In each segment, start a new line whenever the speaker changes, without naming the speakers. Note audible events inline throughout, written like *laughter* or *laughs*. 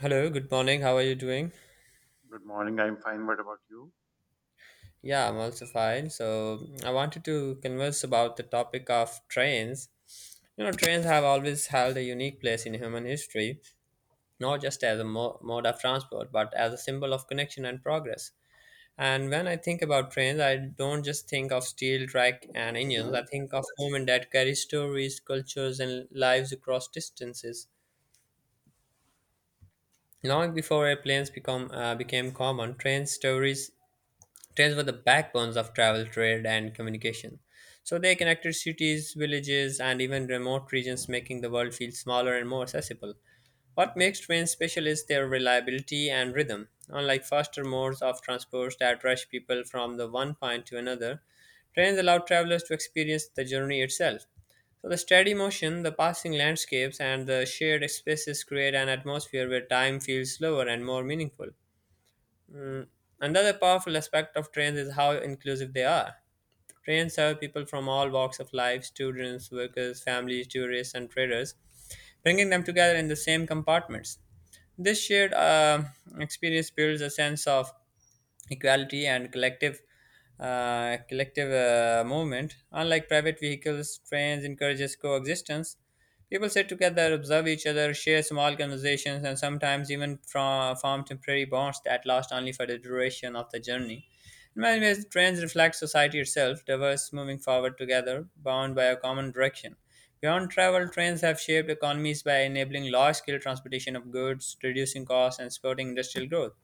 Hello, good morning. How are you doing?
Good morning. I'm fine. What about you?
Yeah, I'm also fine. So, I wanted to converse about the topic of trains. You know, trains have always held a unique place in human history, not just as a mode of transport, but as a symbol of connection and progress. And when I think about trains, I don't just think of steel track and engines. I think of women that carry stories, cultures, and lives across distances. Long before airplanes become became common, Trains were the backbones of travel, trade, and communication. So they connected cities, villages, and even remote regions, making the world feel smaller and more accessible. What makes trains special is their reliability and rhythm. Unlike faster modes of transport that rush people from the one point to another, trains allow travelers to experience the journey itself. So the steady motion, the passing landscapes, and the shared spaces create an atmosphere where time feels slower and more meaningful. Mm, Another powerful aspect of trains is how inclusive they are. Trains serve people from all walks of life students, workers, families, tourists, and traders, bringing them together in the same compartments. This shared experience builds a sense of equality and collective movement. Unlike private vehicles, trains encourages coexistence. People sit together, observe each other, share small conversations, and sometimes even form temporary bonds that last only for the duration of the journey. In many ways, trains reflect society itself, diverse, moving forward together, bound by a common direction. Beyond travel, trains have shaped economies by enabling large scale transportation of goods, reducing costs, and supporting industrial growth.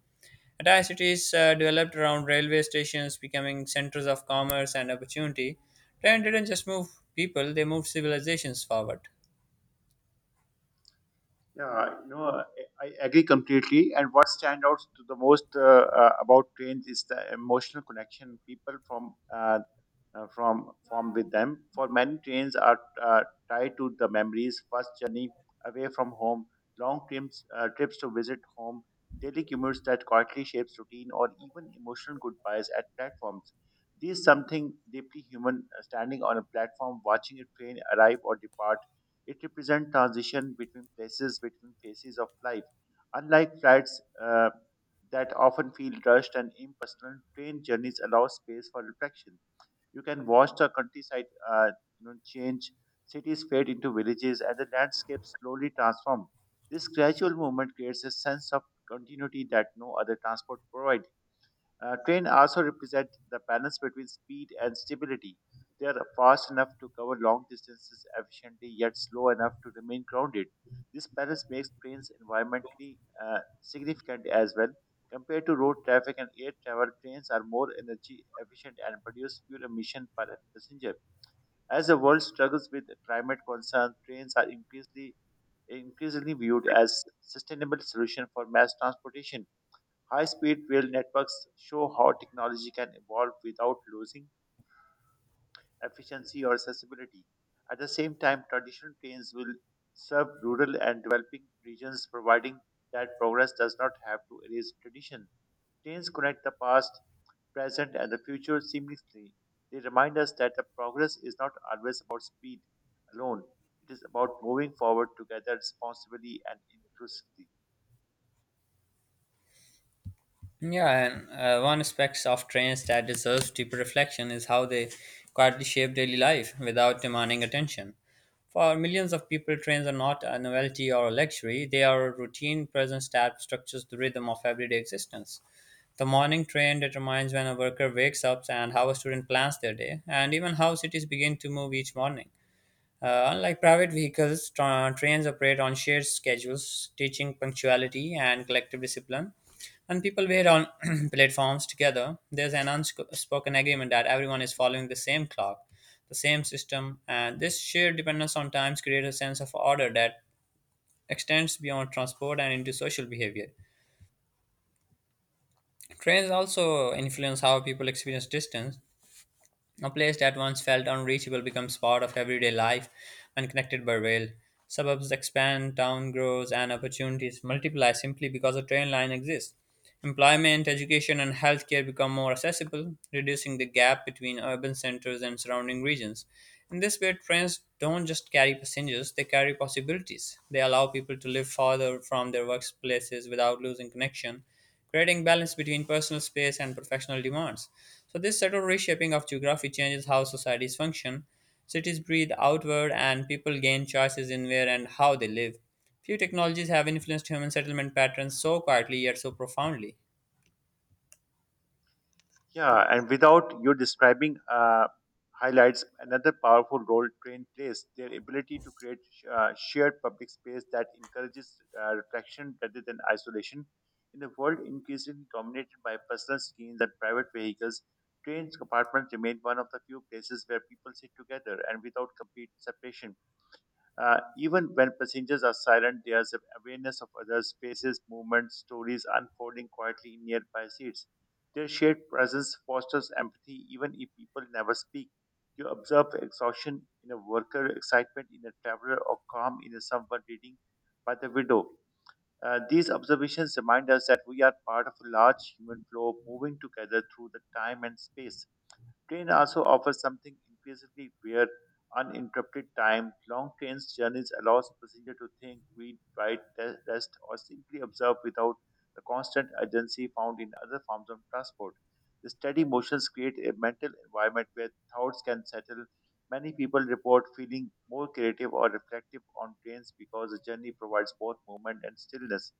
Entire cities developed around railway stations, becoming centers of commerce and opportunity. Trends didn't just move people, they moved civilizations forward.
Yeah, I agree completely. And what stands out to the most about trains is the emotional connection people from form with them. For many, trains are tied to the memories, first journey away from home, long trips, trips to visit home, daily commutes that quietly shapes routine, or even emotional goodbyes at platforms. This is something deeply human. Standing on a platform, watching a train arrive or depart, it represents transition between places, between phases of life. Unlike flights that often feel rushed and impersonal, train journeys allow space for reflection. You can watch the countryside, uh, change. Cities fade into villages, and the landscape slowly transform. This gradual movement creates a sense of continuity that no other transport provides. Train also represent the balance between speed and stability. They are fast enough to cover long distances efficiently, yet slow enough to remain grounded. This balance makes trains environmentally significant as well. Compared to road traffic and air travel, trains are more energy efficient and produce fewer emissions per passenger. As the world struggles with climate concerns, trains are increasingly viewed as sustainable solution for mass transportation. High speed rail networks show how technology can evolve without losing efficiency or accessibility. At the same time, traditional trains will serve rural and developing regions, providing that progress does not have to erase tradition. Trains connect the past, present, and the future seamlessly. They remind us that the progress is not always about speed alone, it is about moving forward together responsibly and inclusively.
Yeah, and one aspect of trains that deserves deeper reflection is how they quietly shape daily life without demanding attention. For millions of people, trains are not a novelty or a luxury, they are a routine presence that structures the rhythm of everyday existence. The morning train determines when a worker wakes up and how a student plans their day, and even how cities begin to move each morning. Unlike private vehicles, trains operate on shared schedules, teaching punctuality and collective discipline. When people wait on *clears throat* platforms together, there's an unspoken agreement that everyone is following the same clock, the same system, and this shared dependence on times creates a sense of order that extends beyond transport and into social behavior. Trains also influence how people experience distance. A place that once felt unreachable becomes part of everyday life and connected by rail. Suburbs expand, town grows, and opportunities multiply simply because a train line exists. Employment, education, and healthcare become more accessible, reducing the gap between urban centers and surrounding regions. In this way, trains don't just carry passengers, they carry possibilities. They allow people to live farther from their workplaces without losing connection creating balance between personal space and professional demands. So this subtle reshaping of geography changes how societies function. Cities breathe outward and people gain choices in where and how they live. Few technologies have influenced human settlement patterns so quietly yet so profoundly.
Yeah, and without you describing highlights another powerful role train plays their ability to create shared public space that encourages reflection rather than isolation. In a world increasingly dominated by personal screens and private vehicles, trains compartments remain one of the few places where people sit together and without complete separation. Even when passengers are silent, there's an awareness of others' spaces, movements, stories unfolding quietly in nearby seats. Their shared presence fosters empathy even if people never speak. You observe exhaustion in a worker, excitement in a traveler, or calm in a someone reading by the window. These observations remind us that we are part of a large human flow moving together through the time and space. Train also offers something increasingly rare, uninterrupted time. Long trains journeys allows passenger to think, read, write, rest, or simply observe without the constant urgency found in other forms of transport. The steady motions create a mental environment where thoughts can settle. Many people report feeling more creative or reflective on trains because the journey provides both movement and stillness.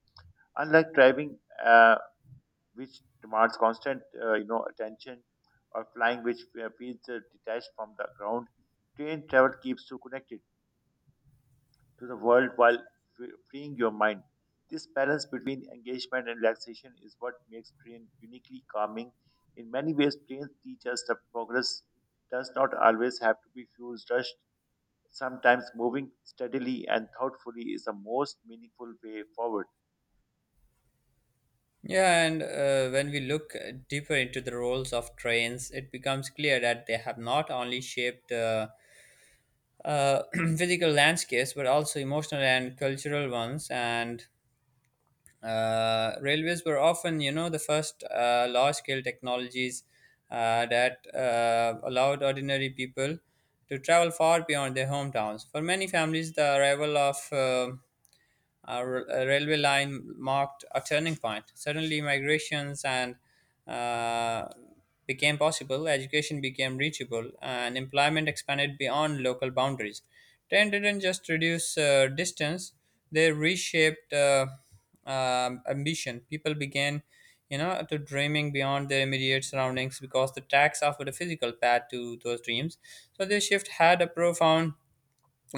Unlike driving, uh, which demands constant, attention, or flying, which feels detached from the ground. Train travel keeps you connected to the world while freeing your mind. This balance between engagement and relaxation is what makes train uniquely calming. In many ways, trains teach us that progress does not always have to be fuel rushed. Sometimes moving steadily and thoughtfully is the most meaningful way forward.
Yeah, and when we look deeper into the roles of trains, it becomes clear that they have not only shaped uh, *clears throat* physical landscapes but also emotional and cultural ones. And Railways were often, you know, the first large-scale technologies that allowed ordinary people to travel far beyond their hometowns. For many families, the arrival of a a railway line marked a turning point. Suddenly, migrations and uh, became possible, education became reachable, and employment expanded beyond local boundaries. Train didn't just reduce distance; they reshaped ambition. People began, you know, to dreaming beyond their immediate surroundings because the tracks offered a physical path to those dreams. So this shift had a profound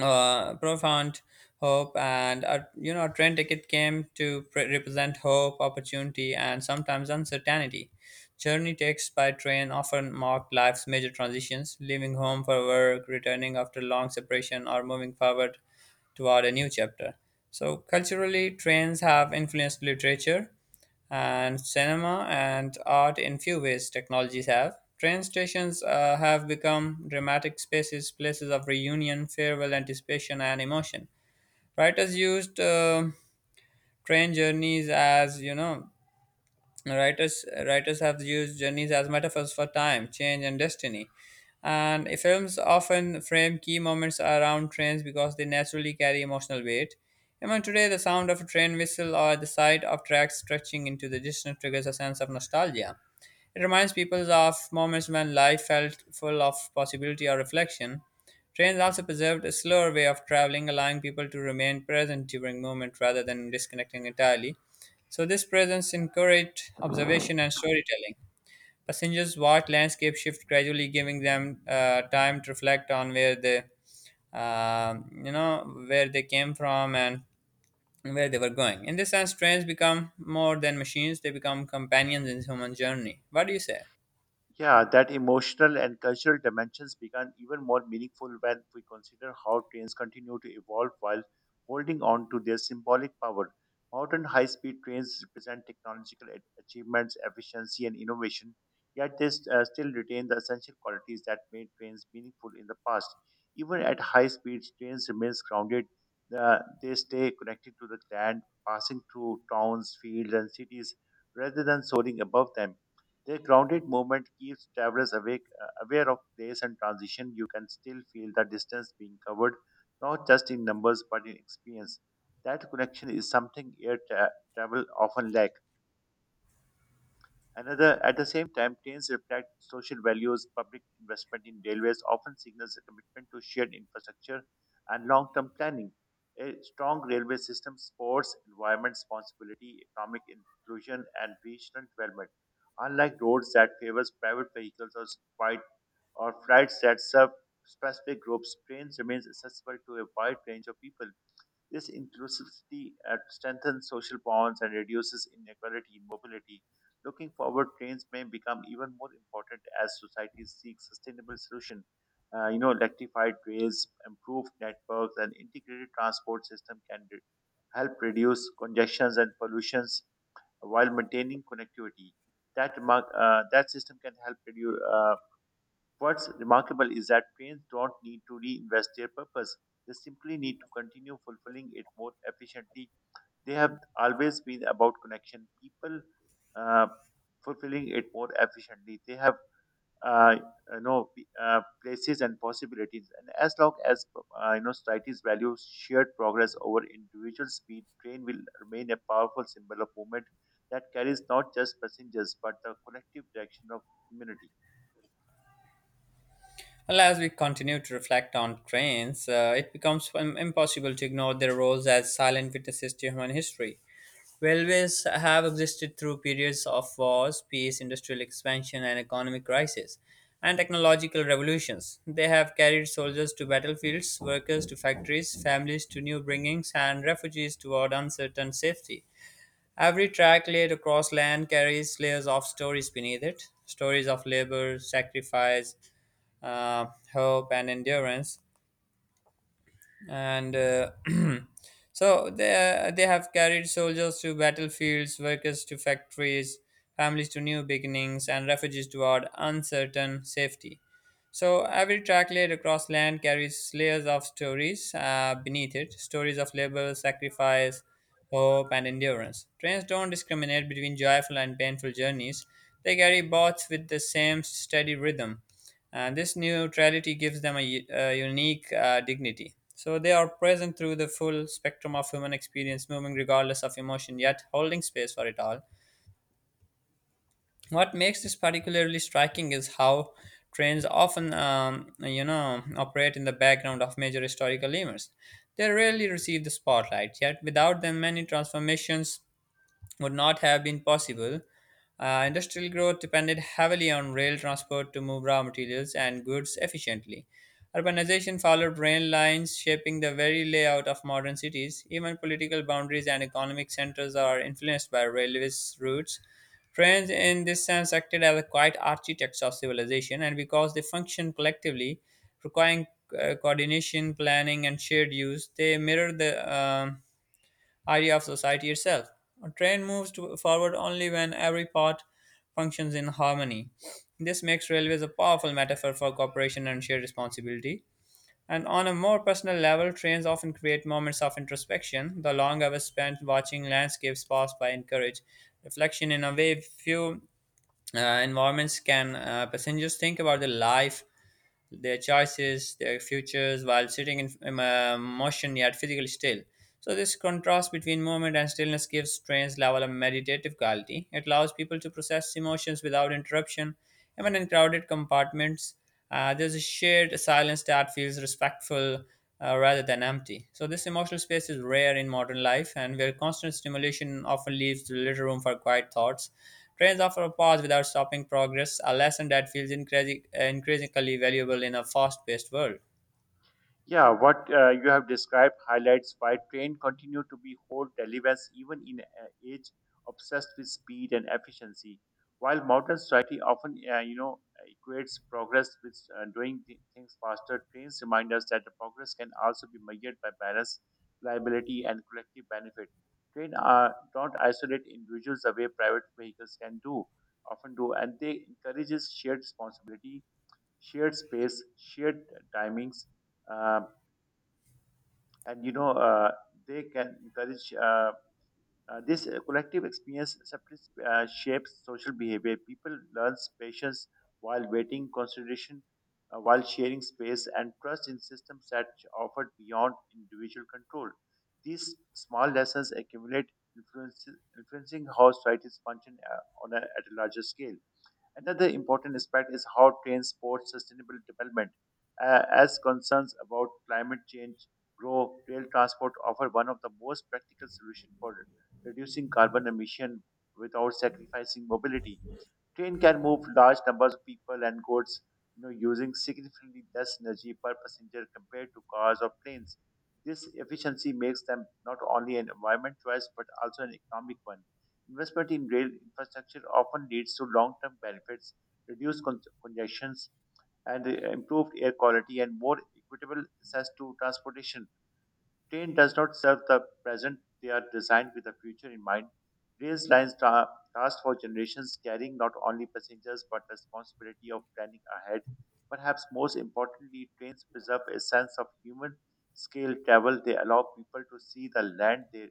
uh, profound hope and a, you know a train ticket came to represent hope opportunity and sometimes uncertainty journey takes by train often marked life's major transitions leaving home for work returning after long separation or moving forward toward a new chapter so culturally trains have influenced literature and cinema and art in few ways technologies have. Train stations have become dramatic spaces, places of reunion, farewell, anticipation, and emotion. Writers used train journeys as you know Writers writers have used journeys as metaphors for time, change, and destiny. And Films often frame key moments around trains because they naturally carry emotional weight. Even today, the sound of a train whistle or the sight of tracks stretching into the distance triggers a sense of nostalgia. It reminds people of moments when life felt full of possibility or reflection. Trains also preserved a slower way of traveling, allowing people to remain present during movement rather than disconnecting entirely. So this presence encouraged observation and storytelling. Passengers watched landscape shift gradually, giving them time to reflect on where they where they came from and where they were going. In this sense, trains become more than machines; they become companions in human journey. What do you say?
Yeah, that emotional and cultural dimensions become even more meaningful when we consider how trains continue to evolve while holding on to their symbolic power. Modern high speed trains represent technological achievements, efficiency, and innovation, yet they still retain the essential qualities that made trains meaningful in the past. Even at high speeds, trains remain grounded. They stay connected to the land, passing through towns, fields, and cities rather than soaring above them their grounded movement keeps travelers aware of place and transition. You can still feel the distance being covered, not just in numbers but in experience. That connection is something travel often lacks. Another, at the same time, trains reflect social values. Public investment in railways often signals a commitment to shared infrastructure and long-term planning. A strong railway system supports environment responsibility, economic inclusion, and regional development. Unlike roads that favors private vehicles or flight flights that serve specific groups, trains remains accessible to a wide range of people. This inclusivity strengthens social bonds and reduces inequality in mobility. Looking forward, trains may become even more important as society seeks sustainable solution. Electrified rails, improved networks, and integrated transport system can help reduce congestions and pollutions while maintaining connectivity. That remark, that system can help reduce. What's remarkable is that trains don't need to reinvest their purpose. They simply need to continue fulfilling it more efficiently. They have always been about connection, people uh, fulfilling it more efficiently. They have uh, you know p- places and possibilities, and as long as societies value shared progress over individual speed, train will remain a powerful symbol of movement that carries not just passengers but the collective direction of humanity.
Well, as we continue to reflect on trains, it becomes impossible to ignore their roles as silent witnesses to human history. Railways have existed through periods of wars, peace, industrial expansion, and economic crisis, and technological revolutions. They have carried soldiers to battlefields, workers to factories, families to new bringings, and refugees toward uncertain safety. Every track laid across land carries layers of stories beneath it stories of labor, sacrifice, uh, hope and endurance and *clears throat* so they they have carried soldiers to battlefields workers to factories families to new beginnings and refugees toward uncertain safety so every track laid across land carries layers of stories beneath it stories of labor, sacrifice, hope, and endurance. Trains don't discriminate between joyful and painful journeys, they carry both with the same steady rhythm. And this neutrality gives them a unique dignity. So they are present through the full spectrum of human experience, moving regardless of emotion, yet holding space for it all. What makes this particularly striking is how trains often, you know, operate in the background of major historical events. They rarely receive the spotlight, yet without them, many transformations would not have been possible. Industrial growth depended heavily on rail transport to move raw materials and goods efficiently. Urbanization followed rail lines, shaping the very layout of modern cities. Even political boundaries and economic centers are influenced by railways routes. Trains, in this sense, acted as quiet architects of civilization, and because they function collectively, requiring coordination, planning, and shared use, they mirror the idea of society itself. A train moves forward only when every part functions in harmony. This makes railways a powerful metaphor for cooperation and shared responsibility. And on a more personal level, trains often create moments of introspection. The long hours spent watching landscapes pass by encourage reflection in a way few environments can. Passengers think about their life, their choices, their futures while sitting in motion yet physically still. So, this contrast between movement and stillness gives trains level a meditative quality. It allows people to process emotions without interruption, even in crowded compartments. There's a shared silence that feels respectful rather than empty. So, this emotional space is rare in modern life, and where constant stimulation often leaves little room for quiet thoughts. Trains offer a pause without stopping progress, a lesson that feels increasingly valuable in a fast paced world.
Yeah, what you have described highlights why train continue to be whole relevance even in an age obsessed with speed and efficiency. While modern society often, equates progress with doing things faster, trains remind us that the progress can also be measured by balance, reliability, and collective benefit. Trains don't isolate individuals the way private vehicles often do, and they encourages shared responsibility, shared space, shared timings uh, and you know they can encourage this collective experience subtly shapes social behavior people learn patience while waiting consideration while sharing space and trust in systems that offered beyond individual control these small lessons accumulate influencing how societies function at a larger scale. Another important aspect is how trains support sustainable development. As concerns about climate change grow, rail transport offer one of the most practical solutions for reducing carbon emission without sacrificing mobility. Train can move large numbers of people and goods, using significantly less energy per passenger compared to cars or planes. This efficiency makes them not only an environment choice but also an economic one. Investment in rail infrastructure often leads to long-term benefits, reduced congestions, and improved air quality and more equitable access to transportation train does not serve the present, they are designed with the future in mind. Rail lines last for generations, carrying not only passengers but the responsibility of planning ahead. Perhaps most importantly, trains preserve a sense of human scale travel. They allow people to see the land they,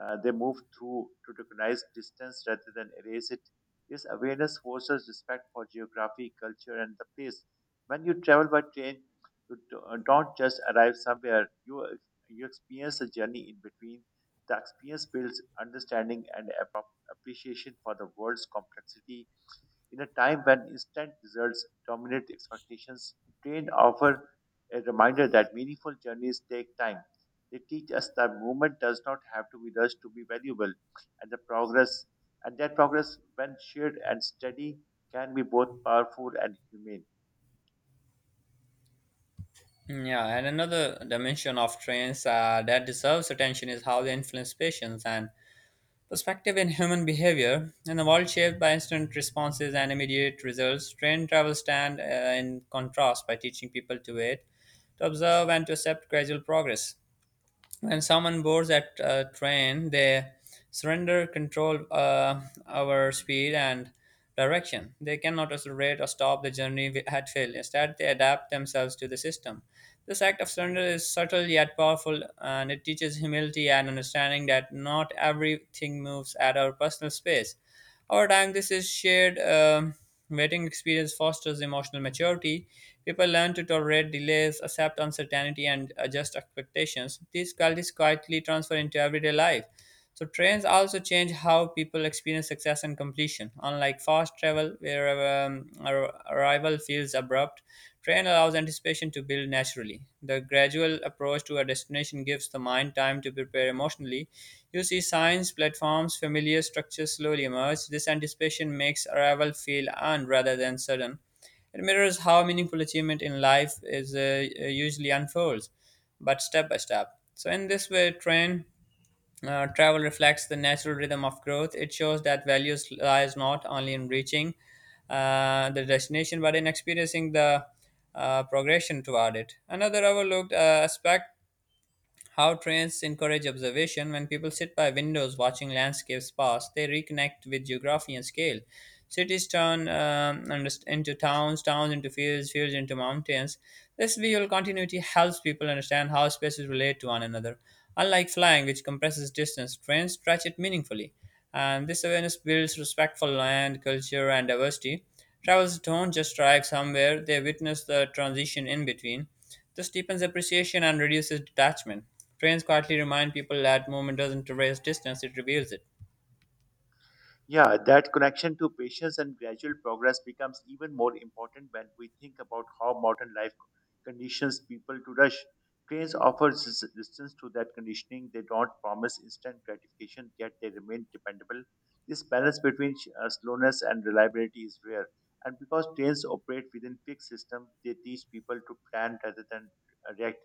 uh, they move through to recognize distance rather than erase it. This awareness forces respect for geography, culture, and the place. When you travel by train, you don't just arrive somewhere, you experience the journey in between. The experience builds understanding and appreciation for the world's complexity. In a time when instant results dominate expectations, trained offer a reminder that meaningful journeys take time. They teach us that movement does not have to be rushed to be valuable, and the progress and that progress, when shared and steady, can be both powerful and humane.
Hmm. Yeah, and another dimension of trains that deserves attention is how they influence patience and perspective in human behavior. In a world shaped by instant responses and immediate results, train travel stand in contrast by teaching people to wait to observe and to accept gradual progress. When someone boards at a train, they surrender control over speed and direction. They cannot accelerate or stop the journey at will. Instead, they adapt themselves to the system. This act of surrender is subtle yet powerful, and it teaches humility and understanding that not everything moves at our personal space. Over time, this is shared waiting experience fosters emotional maturity. People learn to tolerate delays, accept uncertainty, and adjust expectations. These qualities quietly transfer into everyday life. So trains also change how people experience success and completion. Unlike fast travel, where arrival feels abrupt, train allows anticipation to build naturally. The gradual approach to a destination gives the mind time to prepare emotionally. You see signs, platforms, familiar structures slowly emerge. This anticipation makes arrival feel earned rather than sudden. It mirrors how meaningful achievement in life is usually unfolds, but step by step. So in this way, train travel reflects the natural rhythm of growth. It shows that values lies not only in reaching the destination, but in experiencing the progression toward it. Another overlooked aspect how trains encourage observation. When people sit by windows watching landscapes pass, they reconnect with geography and scale. Cities turn into towns, towns into fields, fields into mountains. This visual continuity helps people understand how spaces relate to one another. Unlike flying, which compresses distance, trains stretch it meaningfully. And this awareness builds respect for land, culture, and diversity. Travelers don't just arrive somewhere, they witness the transition in between. This deepens appreciation and reduces detachment. Trains quietly remind people that movement doesn't erase distance, it reveals it.
Yeah, that connection to patience and gradual progress becomes even more important when we think about how modern life conditions people to rush. Trains offer resistance to that conditioning. They don't promise instant gratification, yet they remain dependable. This balance between slowness and reliability is rare. And because trains operate within fixed systems, they teach people to plan rather than react.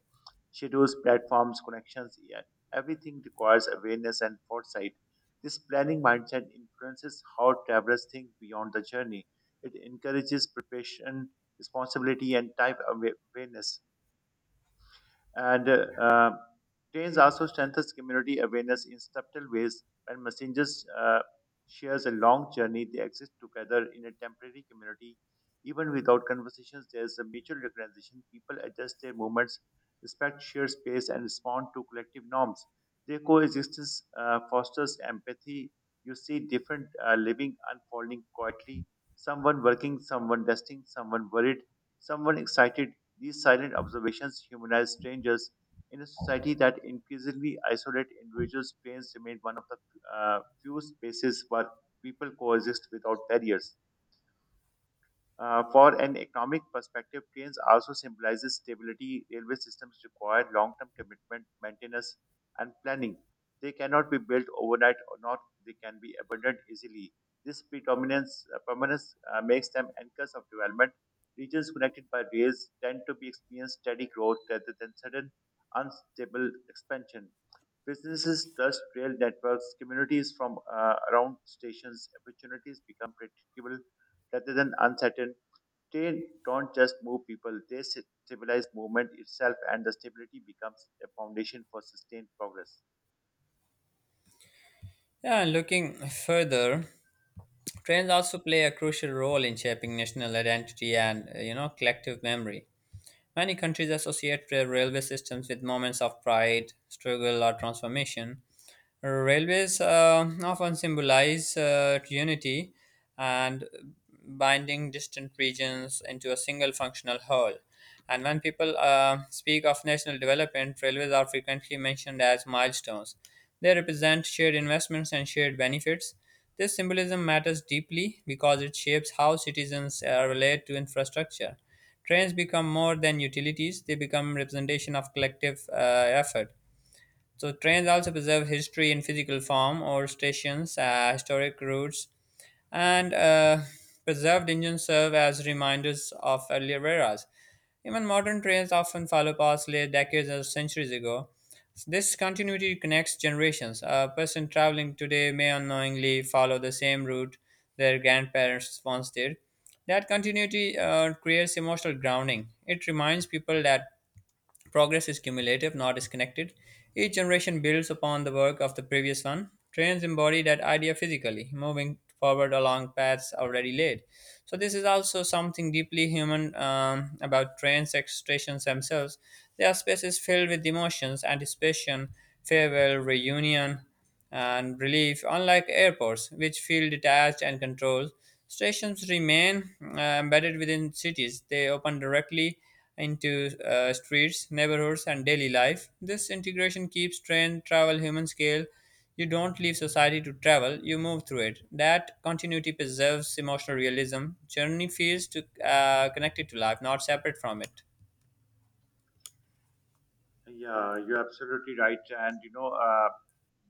Schedules, platforms, connections, yeah, everything requires awareness and foresight this planning mindset influences how travelers think beyond the journey. It encourages preparation, responsibility, and time awareness. And Trains also strengthens community awareness in subtle ways. When messengers shares a long journey, they exist together in a temporary community. Even without conversations, there is a mutual recognition. People adjust their movements, respect shared space, and respond to collective norms. Their coexistence fosters empathy. You see different living unfolding quietly. Someone working, someone resting, someone worried, someone excited these silent observations humanize strangers. In a society that increasingly isolates individuals, trains remain one of the few spaces where people coexist without barriers. For an economic perspective, trains also symbolizes stability. Railway systems require long-term commitment, maintenance, and planning. They cannot be built overnight, or not they can be abandoned easily. This predominance permanence makes them anchors of development. Regions connected by rails tend to be experience steady growth rather than sudden unstable expansion. Businesses trust rail networks. Communities from around stations opportunities become predictable rather than uncertain they don't just move people, stabilize movement itself, and the stability becomes a foundation for sustained progress.
Yeah, and looking further, trains also play a crucial role in shaping national identity and, you know, collective memory. Many countries associate their railway systems with moments of pride, struggle, or transformation. Railways often symbolize unity and binding distant regions into a single functional whole. And when people speak of national development, railways are frequently mentioned as milestones. They represent shared investments and shared benefits. This symbolism matters deeply because it shapes how citizens relate to infrastructure. Trains become more than utilities, they become representation of collective effort. So trains also preserve history in physical form or stations, historic routes, and preserved engines serve as reminders of earlier eras. Even modern trains often follow paths laid decades or centuries ago. This continuity connects generations. A person traveling today may unknowingly follow the same route their grandparents once did. That continuity creates emotional grounding. It reminds people that progress is cumulative, not disconnected. Each generation builds upon the work of the previous one. Trains embody that idea physically, moving forward along paths already laid. So, this is also something deeply human about stations themselves. Their spaces filled with emotions, anticipation, farewell, reunion and relief, unlike airports, which feel detached and controlled. Stations remain embedded within cities. They open directly into streets, neighborhoods, and daily life. This integration keeps train travel human scale. You don't leave society to travel, you move through it. That continuity preserves emotional realism. Journey feels to, connected to life, not separate from it.
Yeah, you're absolutely right, and you know,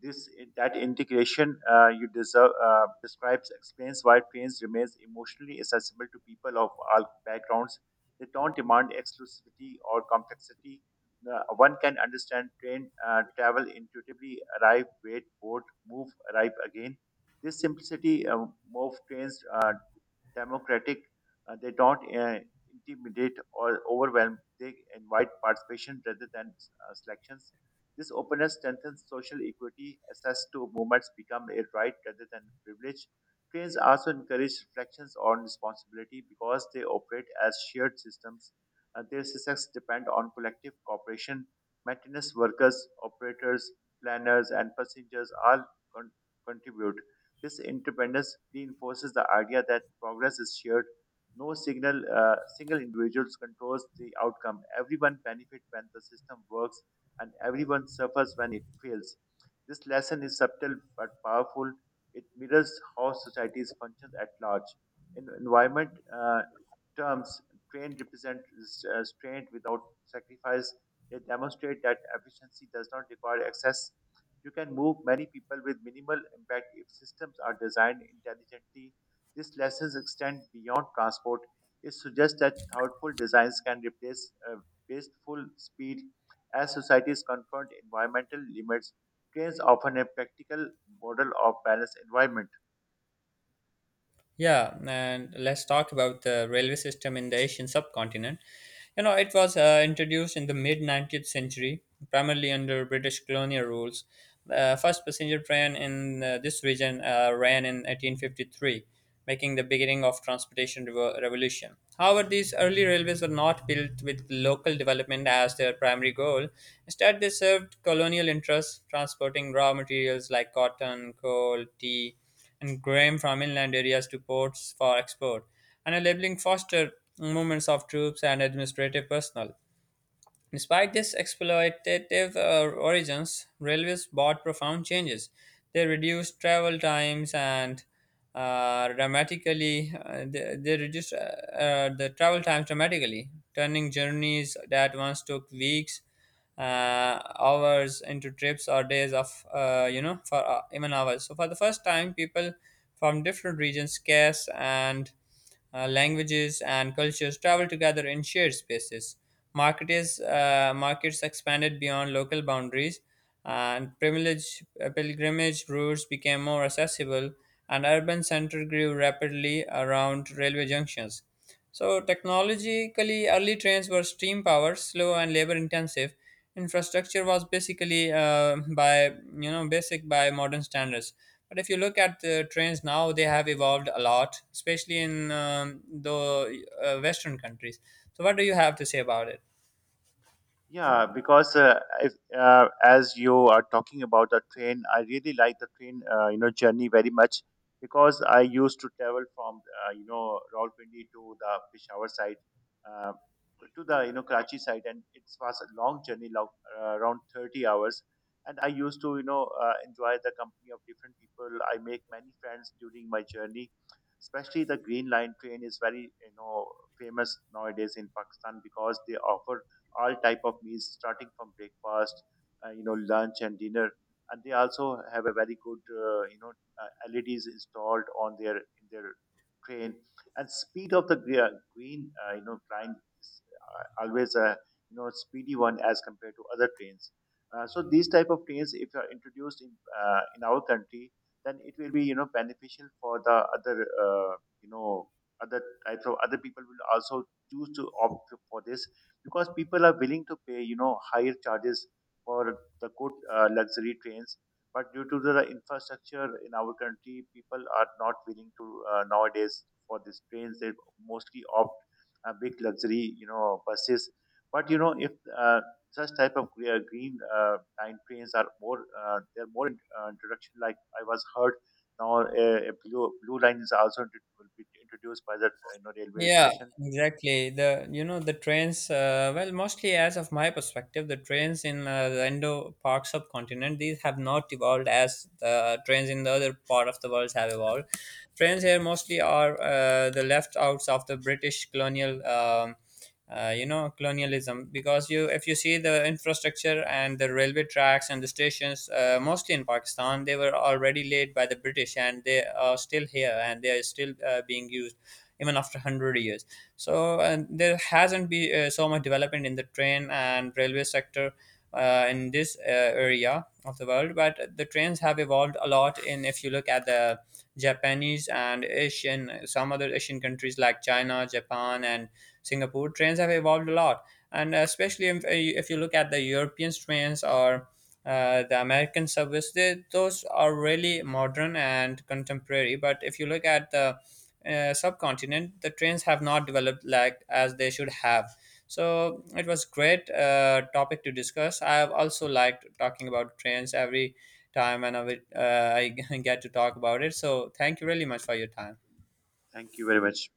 this that integration you deserve describes explains why trains remains emotionally accessible to people of all backgrounds. They don't demand exclusivity or complexity. One can understand train travel intuitively. Arrive, wait, board, move, arrive again. This simplicity of trains democratic. They don't intimidate or overwhelm. They invite participation rather than selections. This openness strengthens social equity. Access to movements become a right rather than privilege. Trains also encourage reflections on responsibility because they operate as shared systems. Their success depend on collective cooperation. Maintenance workers, operators, planners, and passengers all con- contribute. This interdependence reinforces the idea that progress is shared. No signal, single individual controls the outcome. Everyone benefits when the system works, and everyone suffers when it fails. This lesson is subtle but powerful. It mirrors how societies function at large. In environment terms, trained represent restraint without sacrifice. They demonstrate that efficiency does not require excess you can move many people with minimal impact if systems are designed intelligently. This lessons extend beyond transport. It suggests that thoughtful designs can replace wasteful speed. As societies confront environmental limits, trains offer a practical model of balanced environment.
Yeah, and let's talk about the railway system in the Asian subcontinent. You know, it was introduced in the mid 19th century, primarily under British colonial rules. The first passenger train in this region ran in 1853, making the beginning of transportation revolution. However, these early railways were not built with local development as their primary goal. Instead, they served colonial interests, transporting raw materials like cotton, coal, tea, and grain from inland areas to ports for export, and a labeling fostered movements of troops and administrative personnel. Despite this exploitative origins, railways brought profound changes. They reduced travel times and dramatically, they reduced the travel times dramatically, turning journeys that once took weeks, hours into trips or days of, you know, for even hours. So for the first time, people from different regions, scarce and languages and cultures travel together in shared spaces. Markets expanded beyond local boundaries, and pilgrimage routes became more accessible, and urban center grew rapidly around railway junctions. So, technologically, early trains were steam powered, slow, and labor intensive. Infrastructure was basically by you know basic by modern standards. But if you look at the trains now, they have evolved a lot, especially in the Western countries. So, what do you have to say about it?
Yeah, because if, as you are talking about the train, I really like the train, journey very much because I used to travel from, Rawalpindi to the Peshawar side, uh, to the, Karachi side. And it was a long journey, around 30 hours. And I used to, enjoy the company of different people. I make many friends during my journey. Especially the Green Line train is very, famous nowadays in Pakistan because they offer all type of meals starting from breakfast lunch and dinner, and they also have a very good leds installed on their in their train, and speed of the green line is always a speedy one as compared to other trains. So these type of trains if are introduced in our country, then it will be beneficial for the other uh, you know other types of other people will also choose to opt for this because people are willing to pay higher charges for the good luxury trains. But due to the infrastructure in our country, people are not willing to nowadays for these trains they mostly opt big luxury buses. But you know if uh, such type of green line trains are more they're more introduction, like I was heard now a blue line is also will be introduced by that railway
Yeah,
station.
exactly. The you know the trains. Well, mostly as of my perspective, the trains in the Indo Pak subcontinent these have not evolved as the trains in the other part of the world have evolved. Trains here mostly are the left outs of the British colonial. You know colonialism because you if you see the infrastructure and the railway tracks and the stations mostly in Pakistan they were already laid by the British and they are still here and they are still being used even after 100 years, so, and there hasn't been so much development in the train and railway sector in this area of the world, but the trains have evolved a lot in if you look at the Japanese and Asian, some other Asian countries like China, Japan, and Singapore, trains have evolved a lot, and especially if you look at the European trains or the American service, those are really modern and contemporary. But if you look at the subcontinent, the trains have not developed like as they should have. So it was great topic to discuss. I have also liked talking about trains every time and I *laughs* get to talk about it. So thank you really much for your time.
Thank you very much.